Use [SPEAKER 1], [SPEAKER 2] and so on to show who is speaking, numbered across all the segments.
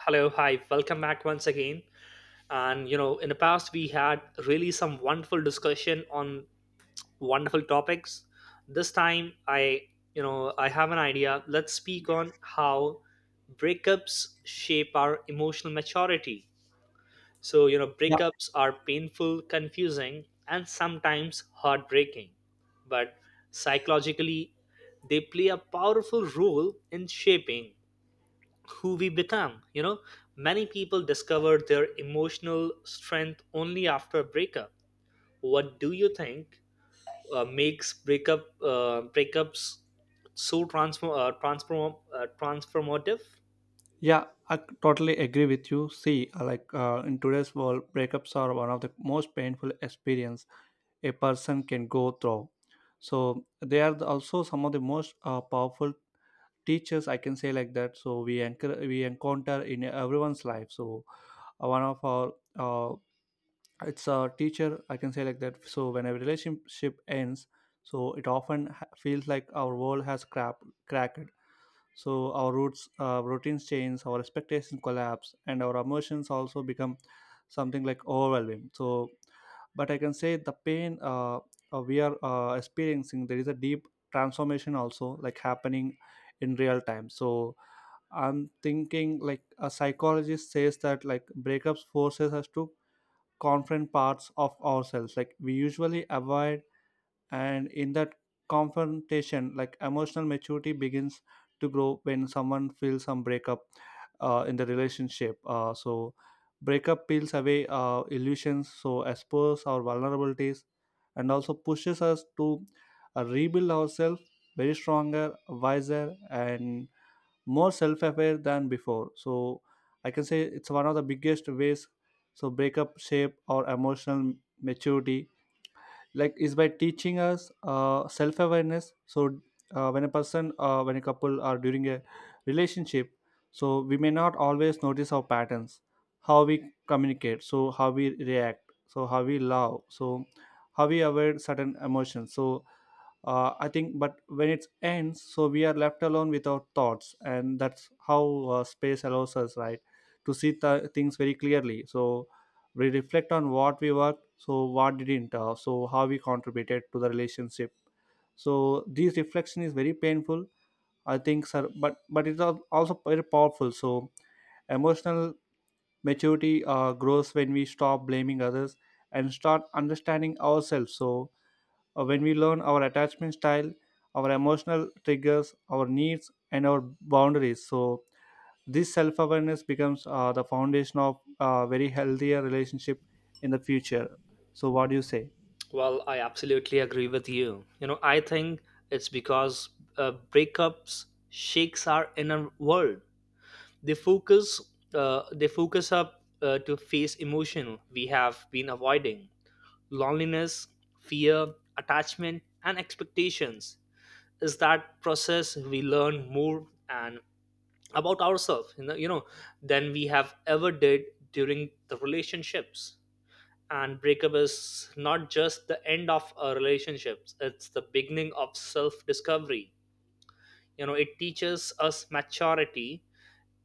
[SPEAKER 1] Hello, hi, welcome back once again. And you know, in the past, we had really some wonderful discussion on wonderful topics. This time, I have an idea. Let's speak on how breakups shape our emotional maturity. So, you know,
[SPEAKER 2] Yeah,
[SPEAKER 1] breakups are painful, confusing, and sometimes heartbreaking, but psychologically, they play a powerful role in shaping who we become. You know, many people discover their emotional strength only after a breakup. What do you think makes breakups so transformative?
[SPEAKER 2] yeah, I totally agree with you. See, like in today's world, breakups are one of the most painful experience a person can go through. So they are also some of the most powerful teachers, I can say like that. So we encounter in everyone's life. So one of our it's a teacher, I can say like that. So when a relationship ends, so it often feels like our world has crap cracked. So our roots, routines change, our expectations collapse, and our emotions also become something like overwhelming. So, but I can say the pain we are experiencing, there is a deep transformation also like happening in real time. So I'm thinking like a psychologist says that like breakups forces us to confront parts of ourselves like we usually avoid, and in that confrontation like emotional maturity begins to grow. When someone feels some breakup in the relationship, so breakup peels away illusions, so expose our vulnerabilities and also pushes us to rebuild ourselves very stronger, wiser, and more self-aware than before. So I can say it's one of the biggest ways so breakup shape our emotional maturity, like, is by teaching us self-awareness. So when a couple are during a relationship, so we may not always notice our patterns, how we communicate, so how we react, so how we love, so how we avoid certain emotions. So I think, but when it ends, so we are left alone with our thoughts, and that's how space allows us, right, to see things very clearly. So we reflect on what we worked, so what didn't, so how we contributed to the relationship. So this reflection is very painful, I think, sir, but it's also very powerful. So emotional maturity grows when we stop blaming others and start understanding ourselves. So when we learn our attachment style, our emotional triggers, our needs, and our boundaries, so this self awareness becomes the foundation of a very healthier relationship in the future. So, what do you say?
[SPEAKER 1] Well, I absolutely agree with you. You know, I think it's because breakups shakes our inner world. They focus they focus up to face emotion we have been avoiding: loneliness, fear, attachment, and expectations. Is that process we learn more and about ourselves, you know, than we have ever did during the relationships. And breakup is not just the end of a relationships; it's the beginning of self-discovery. You know, it teaches us maturity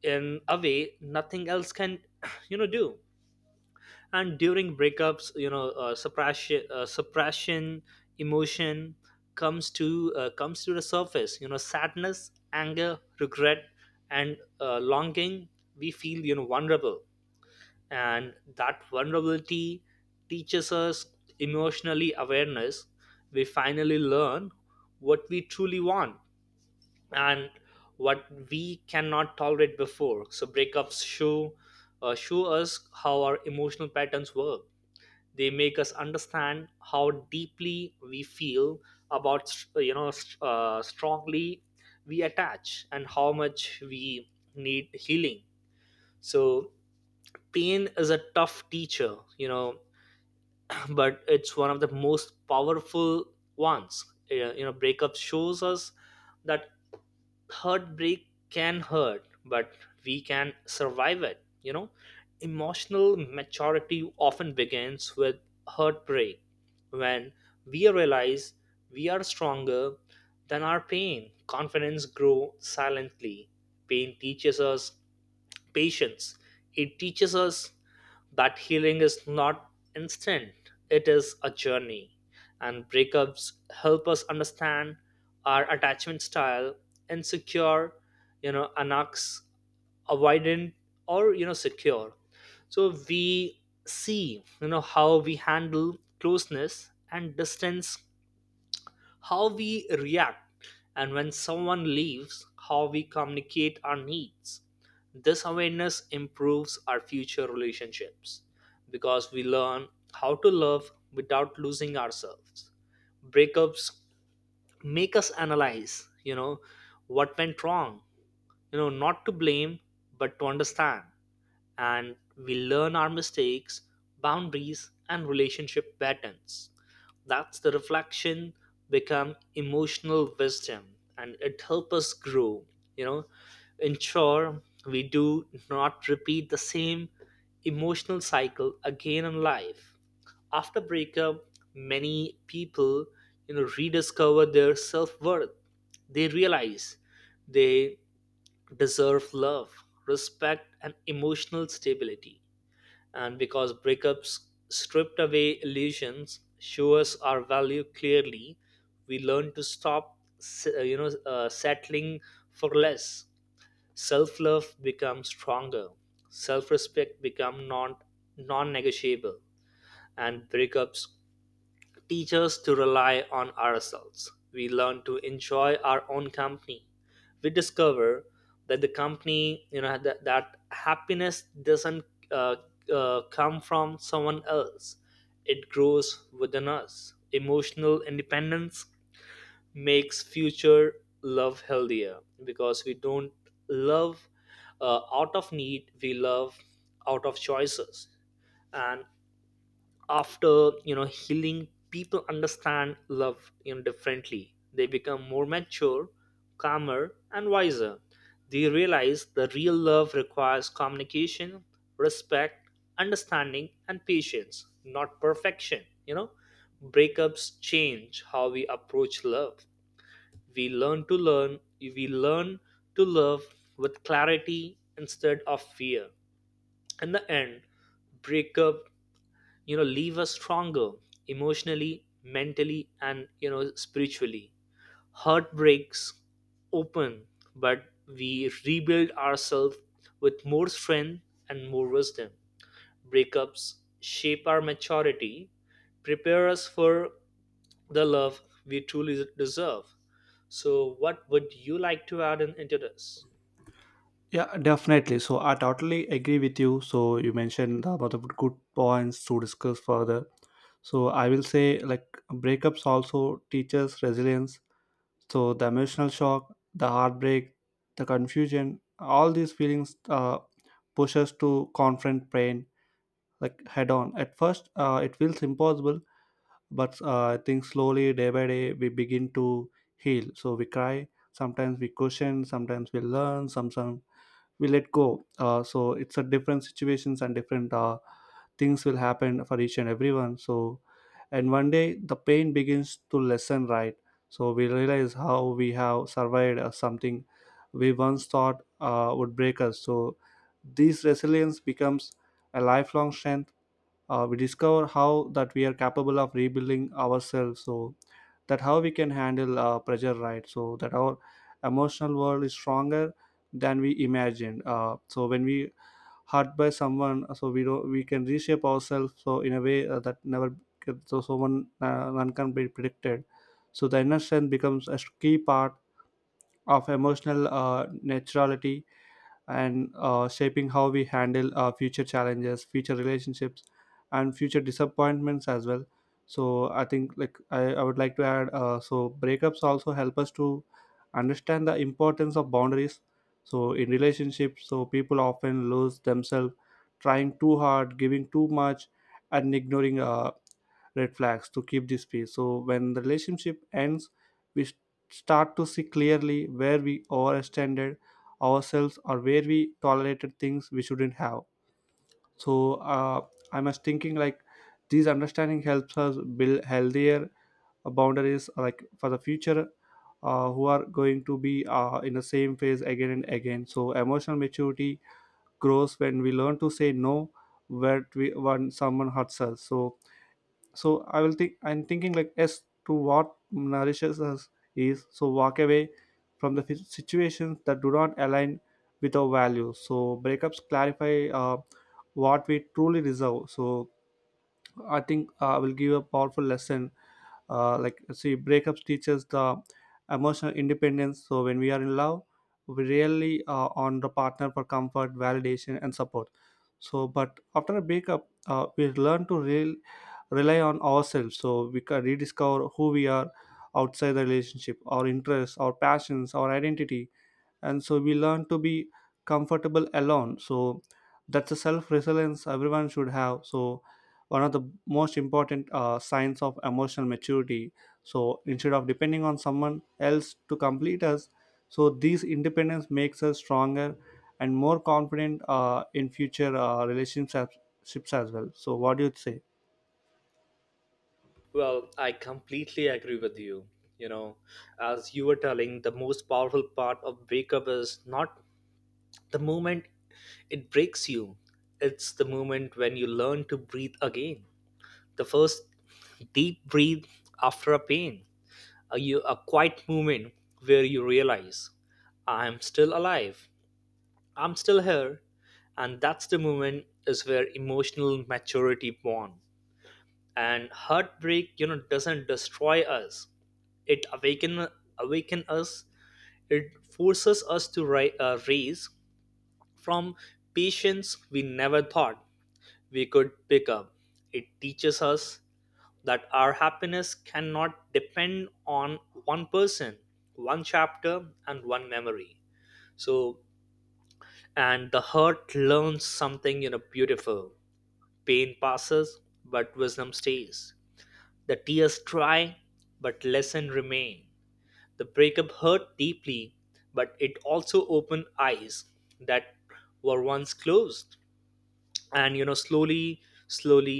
[SPEAKER 1] in a way nothing else can, you know, do. And during breakups, you know, suppression emotion comes to the surface, you know, sadness, anger, regret, and longing. We feel, you know, vulnerable, and that vulnerability teaches us emotionally awareness. We finally learn what we truly want and what we cannot tolerate before. So breakups show us how our emotional patterns work. They make us understand how deeply we feel about, you know, strongly we attach and how much we need healing. So pain is a tough teacher, you know, but it's one of the most powerful ones. You know, breakup shows us that heartbreak can hurt, but we can survive it. You know, emotional maturity often begins with heartbreak when we realize we are stronger than our pain. Confidence grows silently. Pain teaches us patience. It teaches us that healing is not instant, it is a journey. And breakups help us understand our attachment style: insecure, you know, anarchs, avoidant, or, you know, secure. So we see, you know, how we handle closeness and distance, how we react, and when someone leaves, how we communicate our needs. This awareness improves our future relationships because we learn how to love without losing ourselves. Breakups make us analyze, you know, what went wrong, you know, not to blame but to understand, and we learn our mistakes, boundaries, and relationship patterns. That's the reflection become emotional wisdom, and it helps us grow, you know, ensure we do not repeat the same emotional cycle again in life. After breakup, many people, you know, rediscover their self-worth. They realize they deserve love, respect, and emotional stability. And because breakups stripped away illusions, show us our value clearly, we learn to stop, settling for less. Self-love becomes stronger. Self-respect become non-negotiable, and breakups teach us to rely on ourselves. We learn to enjoy our own company. We discover that the company, you know, that happiness doesn't uh, come from someone else, it grows within us. Emotional independence makes future love healthier because we don't love out of need, we love out of choices. And after, you know, healing, people understand love, you know, differently. They become more mature, calmer and wiser. They realize the real love requires communication, respect, understanding and patience, not perfection, you know. Breakups change how we approach love. We learn to love with clarity instead of fear. In the end, breakup, you know, leave us stronger emotionally, mentally, and, you know, spiritually. Heart breaks open, but we rebuild ourselves with more strength and more wisdom. Breakups shape our maturity, prepare us for the love we truly deserve. So what would you like to add in, into this?
[SPEAKER 2] Yeah, definitely. So I totally agree with you. So you mentioned about the good points to discuss further. So I will say like breakups also teaches resilience. So the emotional shock, the heartbreak, the confusion, all these feelings push us to confront pain like head on. At first, it feels impossible, but I think slowly, day by day, we begin to heal. So we cry, sometimes we question, sometimes we learn, sometimes we let go. So it's a different situations and different things will happen for each and everyone. So, and one day the pain begins to lessen, right? So we realize how we have survived something we once thought would break us. So this resilience becomes a lifelong strength. We discover how that we are capable of rebuilding ourselves, so that how we can handle pressure, right, so that our emotional world is stronger than we imagined. So when we hurt by someone, so we don't we can reshape ourselves so in a way that never, so someone, none can be predicted. So the inner strength becomes a key part of emotional naturality and shaping how we handle future challenges, future relationships, and future disappointments as well. So I think like I would like to add so breakups also help us to understand the importance of boundaries. So in relationships, so people often lose themselves trying too hard, giving too much, and ignoring red flags to keep this peace. So when the relationship ends, we s- start to see clearly where we overextended ourselves or where we tolerated things we shouldn't have. So I was thinking like these understanding helps us build healthier boundaries like for the future, who are going to be in the same phase again and again. So emotional maturity grows when we learn to say no, when we when someone hurts us. So I will think I'm thinking like as to what nourishes us is, so walk away from the situations that do not align with our values. So breakups clarify what we truly deserve. So I think will give a powerful lesson. Like, see, breakups teaches the emotional independence. So when we are in love, we really on the partner for comfort, validation, and support. So, but after a breakup, we learn to rely on ourselves. So we can rediscover who we are outside the relationship, our interests, our passions, our identity. And so we learn to be comfortable alone, so that's a self resilience everyone should have. So one of the most important signs of emotional maturity, so instead of depending on someone else to complete us, so these independence makes us stronger and more confident in future relationships as well. So what do you say?
[SPEAKER 1] Well, I completely agree with you. You know, as you were telling, the most powerful part of breakup is not the moment it breaks you, it's the moment when you learn to breathe again. The first deep breath after a pain, a, a quiet moment where you realize, I'm still alive, I'm still here. And that's the moment is where emotional maturity born. And heartbreak, you know, doesn't destroy us. It awaken us. It forces us to raise from patience we never thought we could pick up. It teaches us that our happiness cannot depend on one person, one chapter, and one memory. So, and the hurt learns something, you know, beautiful. Pain passes, but wisdom stays. The tears dry, but lesson remain. The breakup hurt deeply, but it also opened eyes that were once closed. And, you know, slowly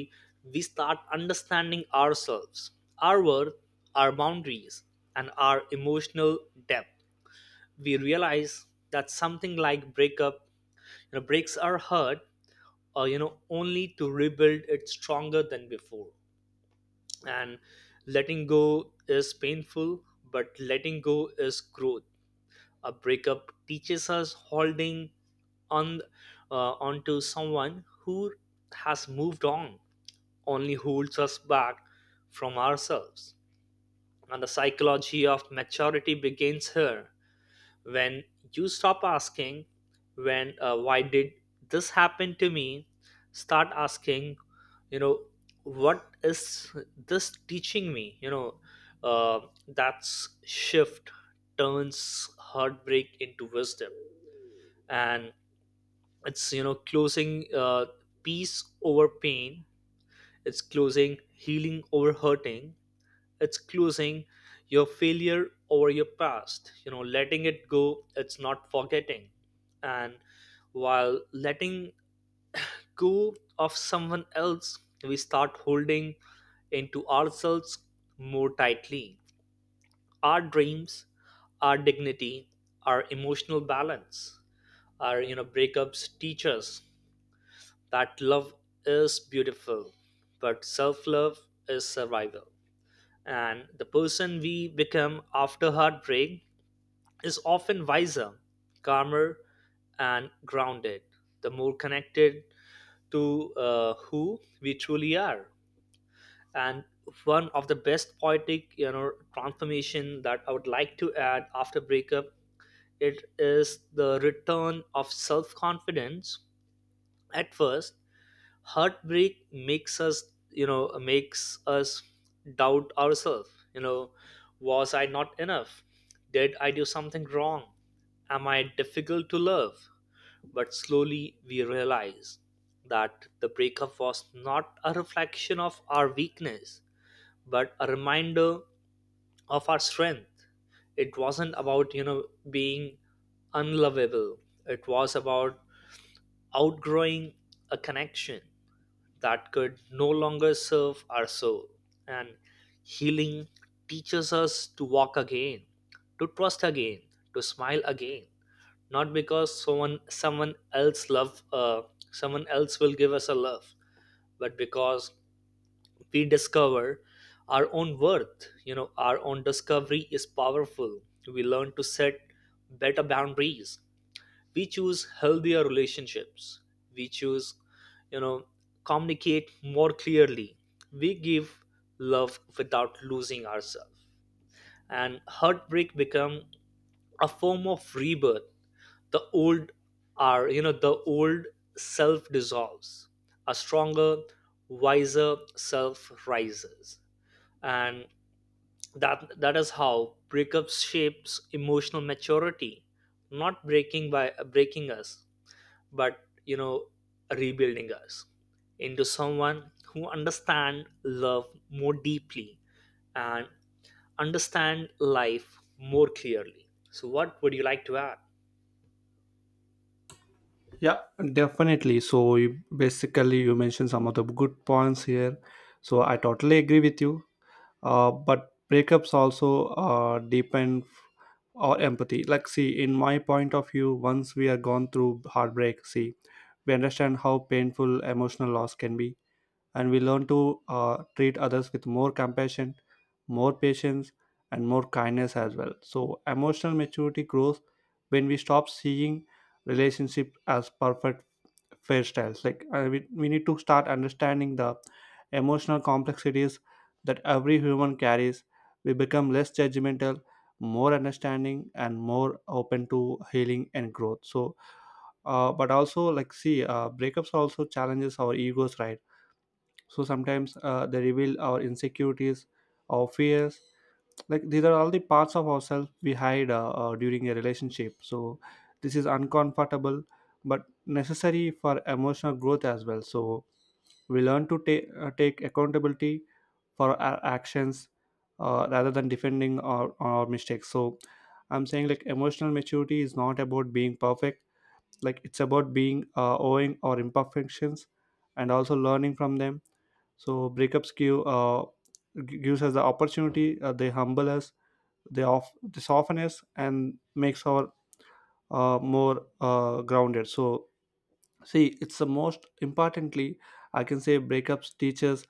[SPEAKER 1] we start understanding ourselves, our worth, our boundaries, and our emotional depth. We realize that something like breakup, you know, breaks our heart, or, you know, only to rebuild it stronger than before. And letting go is painful, but letting go is growth. A breakup teaches us holding on, onto someone who has moved on only holds us back from ourselves. And the psychology of maturity begins here, when you stop asking, when why did this happen to me? Start asking, you know, what is this teaching me? Uh, that's shift turns heartbreak into wisdom. And it's, you know, closing peace over pain, it's closing healing over hurting, it's closing your failure over your past, you know, letting it go, it's not forgetting. And while letting go of someone else, we start holding into ourselves more tightly: our dreams, our dignity, our emotional balance, our, you know, breakups teach us that love is beautiful but self-love is survival. And the person we become after heartbreak is often wiser, calmer, and grounded, the more connected to who we truly are. And one of the best poetic, you know, transformation that I would like to add after breakup, it is the return of self-confidence. At first, heartbreak makes us doubt ourselves, you know, was I not enough, did I do something wrong, am I difficult to love? But slowly we realize that the breakup was not a reflection of our weakness but a reminder of our strength. It wasn't about, you know, being unlovable, it was about outgrowing a connection that could no longer serve our soul. And healing teaches us to walk again, to trust again, to smile again. Not because someone else love someone else will give us a love, but because we discover our own worth. You know, our own discovery is powerful. We learn to set better boundaries, we choose healthier relationships, we choose, you know, communicate more clearly, we give love without losing ourselves, and heartbreak become a form of rebirth. The old are, you know, the old self dissolves, a stronger wiser self rises. And that is how breakups shapes emotional maturity, not breaking by breaking us, but, you know, rebuilding us into someone who understand love more deeply and understand life more clearly. So what would you like to add?
[SPEAKER 2] Yeah, definitely. So you, basically, you mentioned some of the good points here. So I totally agree with you. But breakups also depend our empathy. Like, see, in my point of view, once we are gone through heartbreak, see, we understand how painful emotional loss can be, and we learn to treat others with more compassion, more patience, and more kindness as well. So emotional maturity grows when we stop seeing relationship as perfect hairstyles. Like we, need to start understanding the emotional complexities that every human carries. We become less judgmental, more understanding, and more open to healing and growth. So, but also like see, breakups also challenges our egos, right? So sometimes they reveal our insecurities, our fears, like these are all the parts of ourselves we hide during a relationship. So this is uncomfortable but necessary for emotional growth as well. So we learn to take accountability for our actions rather than defending our mistakes. So I'm saying like emotional maturity is not about being perfect, like it's about being owing our imperfections and also learning from them. So breakups gives us the opportunity, they humble us, the off the softness, and makes our more grounded. So see, it's the most importantly, I can say breakups teaches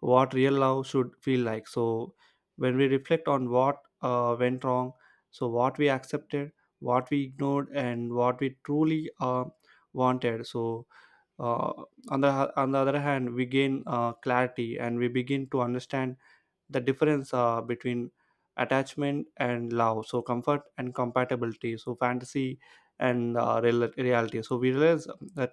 [SPEAKER 2] what real love should feel like. So when we reflect on what went wrong, so what we accepted, what we ignored, and what we truly wanted, so uh, on the on the other hand we gain clarity, and we begin to understand the difference between attachment and love, so comfort and compatibility, so fantasy and reality. So we realize that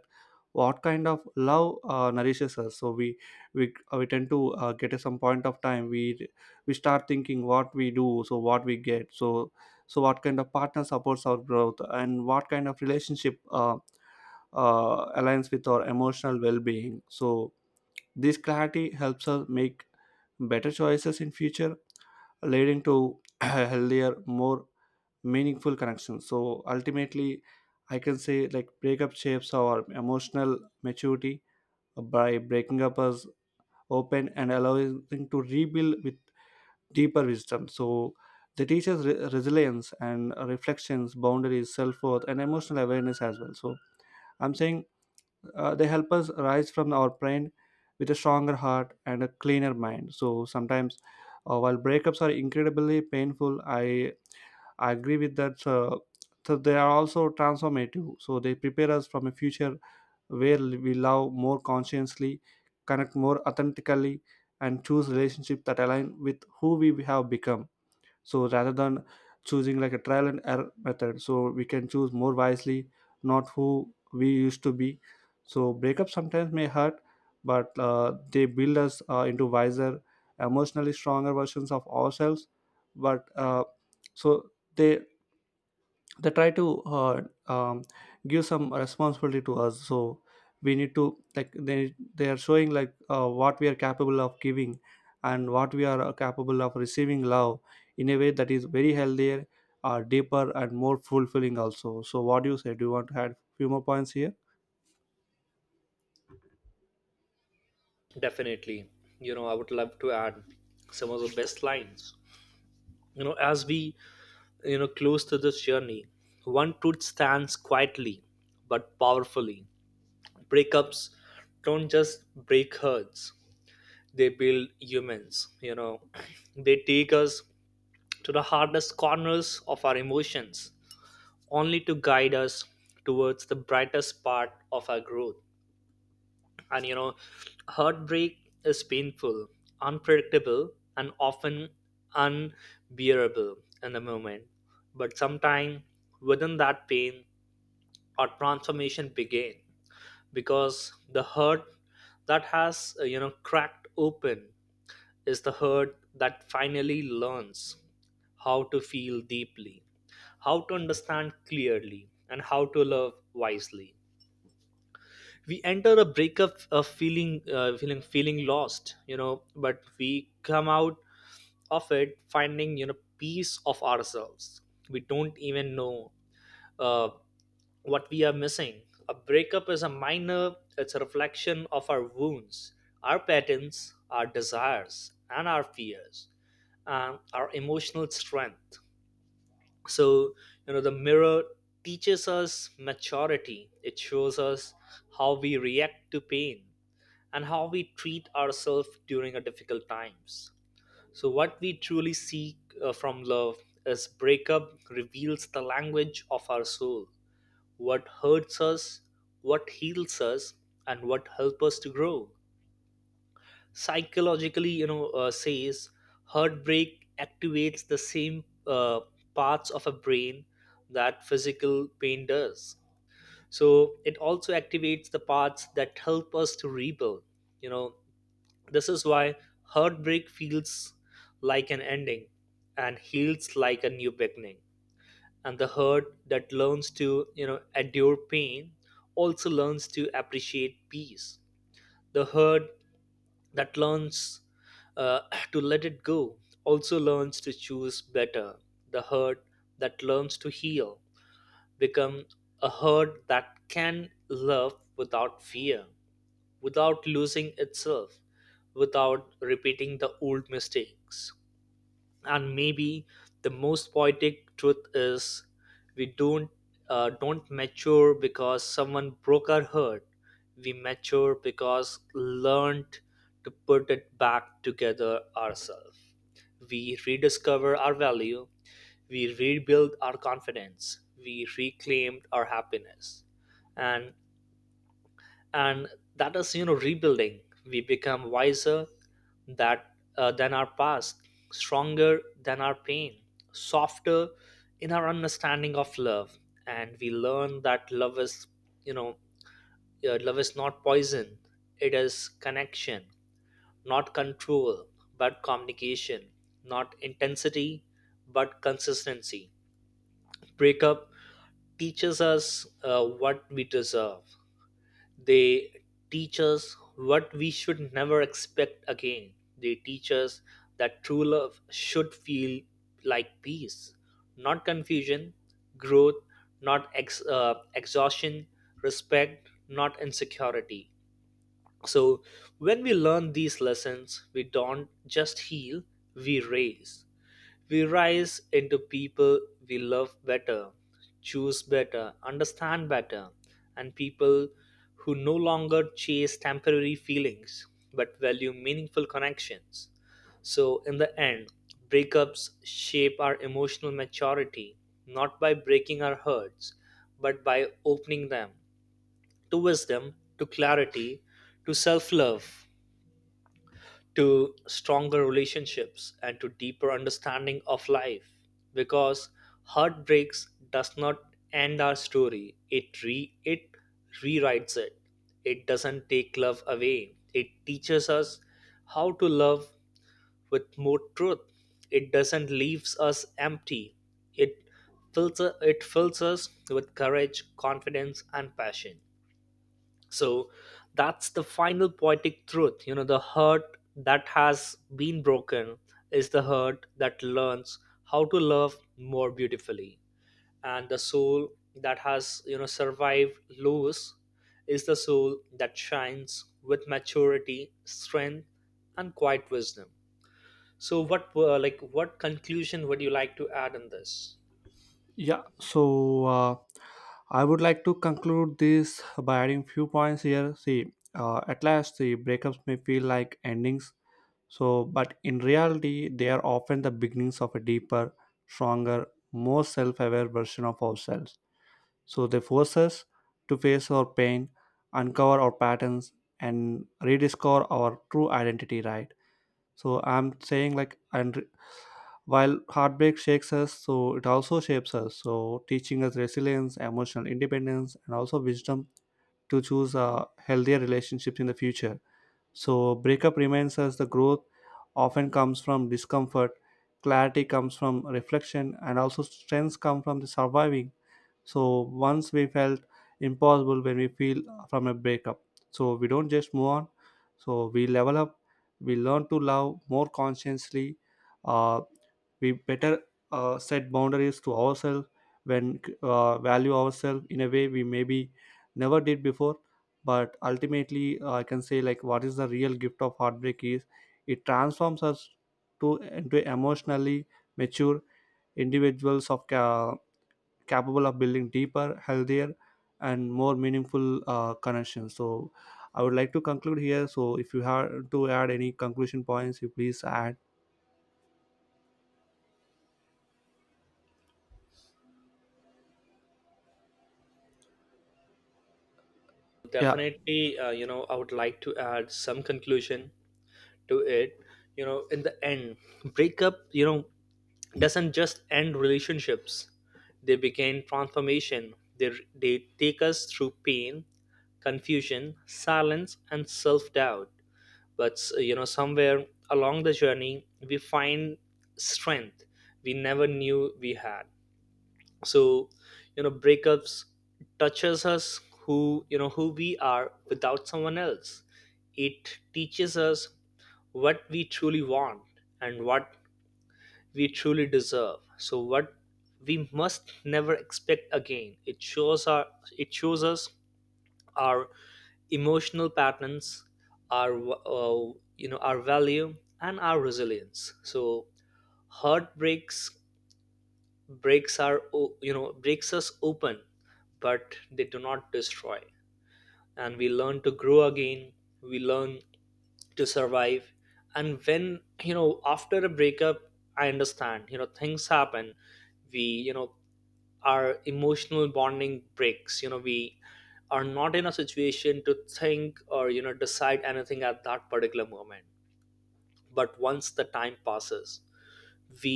[SPEAKER 2] what kind of love nourishes us. So we tend to get at some point of time, we start thinking what we do, so what we get. So what kind of partner supports our growth, and what kind of relationship aligns with our emotional well-being. So this clarity helps us make better choices in future, leading to healthier, more meaningful connections. So ultimately, I can say like breakup shapes our emotional maturity by breaking up us open and allowing to rebuild with deeper wisdom. So they teach us resilience and reflections, boundaries, self worth, and emotional awareness as well. So I'm saying they help us rise from our pain with a stronger heart and a cleaner mind. So sometimes, while breakups are incredibly painful, I agree with that. So they are also transformative, so they prepare us from a future where we love more consciously, connect more authentically, and choose relationships that align with who we have become. So rather than choosing like a trial and error method, so we can choose more wisely, not who we used to be. So breakups sometimes may hurt, but they build us into wiser, emotionally stronger versions of ourselves. But so they they try to um, give some responsibility to us. So we need to like they are showing like what we are capable of giving and what we are capable of receiving love in a way that is very healthier, deeper and more fulfilling also. So what do you say, do you want to add few more points here?
[SPEAKER 1] Definitely, you know, I would love to add some of the best lines, you know, as we, you know, close to this journey. One truth stands quietly but powerfully: breakups don't just break hearts, they build humans. You know, they take us to the hardest corners of our emotions, only to guide us towards the brightest part of our growth. And, you know, heartbreak is painful, unpredictable, and often unbearable in the moment. But sometime within that pain, our transformation began because the hurt that has you know, cracked open is the hurt that finally learns how to feel deeply, how to understand clearly, and how to love wisely. We enter a breakup of feeling, feeling lost, you know, but we come out of it finding, you know, peace of ourselves. We don't even know. Uh, what we are missing. A breakup is a minor, it's a reflection of our wounds, our patterns, our desires, and our fears, and our emotional strength. So, you know, the mirror teaches us maturity, it shows us how we react to pain and how we treat ourselves during a difficult times. So, what we truly seek from love is breakup reveals the language of our soul, what hurts us, what heals us, and what helps us to grow. Psychologically, you know, says heartbreak activates the same parts of a brain that physical pain does. So it also activates the parts that help us to rebuild. You know, this is why heartbreak feels like an ending and heals like a new beginning, and the herd that learns to endure pain also learns to appreciate peace. The herd that learns uh, to let it go also learns to choose better. The herd that learns to heal become a herd that can love without fear, without losing itself, without repeating the old mistakes. And maybe the most poetic truth is we don't mature because someone broke our heart. We mature because learned to put it back together ourselves. We rediscover our value, we rebuild our confidence, we reclaim our happiness. And and that is, you know, rebuilding. We become wiser that than our past, stronger than our pain, softer in our understanding of love. And we learn that love is, you know love is not poison. It is connection, not control, but communication, not intensity, but consistency. Breakup teaches us what we deserve. They teach us what we should never expect again. They teach us that true love should feel like peace, not confusion, growth, not exhaustion, respect, not insecurity. So, when we learn these lessons, we don't just heal, we raise. We rise into people we love better, choose better, understand better, and people who no longer chase temporary feelings but value meaningful connections. So, in the end, breakups shape our emotional maturity, not by breaking our hearts but by opening them to wisdom, to clarity, to self love, to stronger relationships, and to deeper understanding of life. Because heartbreaks does not end our story, it rewrites it. It doesn't take love away, it teaches us how to love with more truth. It doesn't leaves us empty, it fills it fills us with courage, confidence, and passion. So that's the final poetic truth, you know, the heart that has been broken is the heart that learns how to love more beautifully, and the soul that has, you know, survived loss is the soul that shines with maturity, strength, and quiet wisdom. So what, what conclusion would you like to add in this?
[SPEAKER 2] Yeah, so I would like to conclude this by adding few points here. See, at last the breakups may feel like endings. So, but in reality, they are often the beginnings of a deeper, stronger, more self aware version of ourselves. So, they force us to face our pain, uncover our patterns, and rediscover our true identity, right? So, I'm saying, like, while heartbreak shakes us, so it also shapes us. So, teaching us resilience, emotional independence, and also wisdom to choose healthier relationships in the future. So, breakup reminds us the growth often comes from discomfort, clarity comes from reflection, and also strengths come from the surviving. So, once we felt impossible when we feel from a breakup, so we don't just move on, so we level up, we learn to love more consciously. Uh, we better set boundaries to ourselves, when value ourselves in a way we maybe never did before. But ultimately, I can say like what is the real gift of heartbreak is it transforms us to into emotionally mature individuals of capable of building deeper, healthier, and more meaningful connections. So I would like to conclude here, so if you have to add any conclusion points you please add. Yeah.
[SPEAKER 1] Definitely, you know, I would like to add some conclusion to it. You know, in the end, breakup, you know, doesn't just end relationships, they begin transformation. They take us through pain, confusion, silence, and self-doubt. But you know, somewhere along the journey we find strength we never knew we had. So you know, breakups touches us, who, you know, who we are without someone else. It teaches us what we truly want and what we truly deserve, so what we must never expect again. It shows us our emotional patterns, our, you know, our value, and our resilience. So heartbreaks, you know, breaks us open, but they do not destroy. And we learn to grow again, we learn to survive. And when, you know, after a breakup, I understand, you know, things happen. We, you know, our emotional bonding breaks. You know, we are not in a situation to think or, you know, decide anything at that particular moment. But once the time passes, we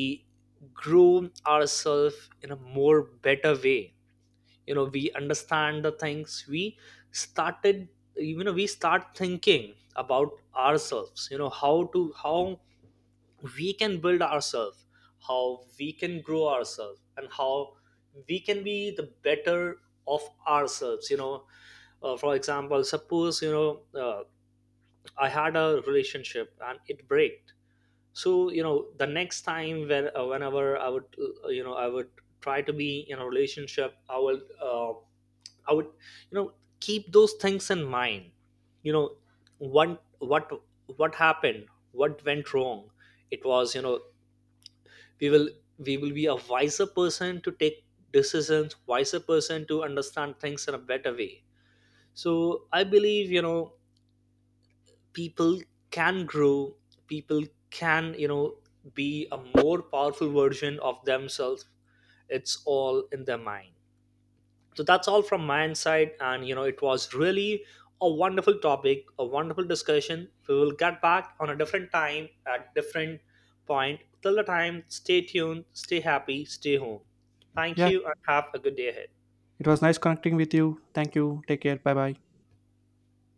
[SPEAKER 1] groom ourselves in a more better way. You know, we understand the things we started. You know, we start thinking about ourselves. You know, how to, how we can build ourselves, how we can grow ourselves, and how we can be the better of ourselves. You know, for example, suppose, you know, uh, I had a relationship and it breaked. So you know, the next time when, whenever I would, you know, I would try to be in a relationship, I will, I would, you know, keep those things in mind. You know, one what happened, what went wrong. It was, you know, we will we will be a wiser person to take decisions, wiser person to understand things in a better way. So I believe, you know, people can grow, people can, you know, be a more powerful version of themselves. It's all in their mind. So that's all from my side, and you know, it was really a wonderful topic, a wonderful discussion. We will get back on a different time at different point. Till the time, stay tuned, stay happy, stay home. Thank
[SPEAKER 2] Yeah.
[SPEAKER 1] you and have a good day ahead.
[SPEAKER 2] It was nice connecting with you. Thank you. Take care. Bye bye.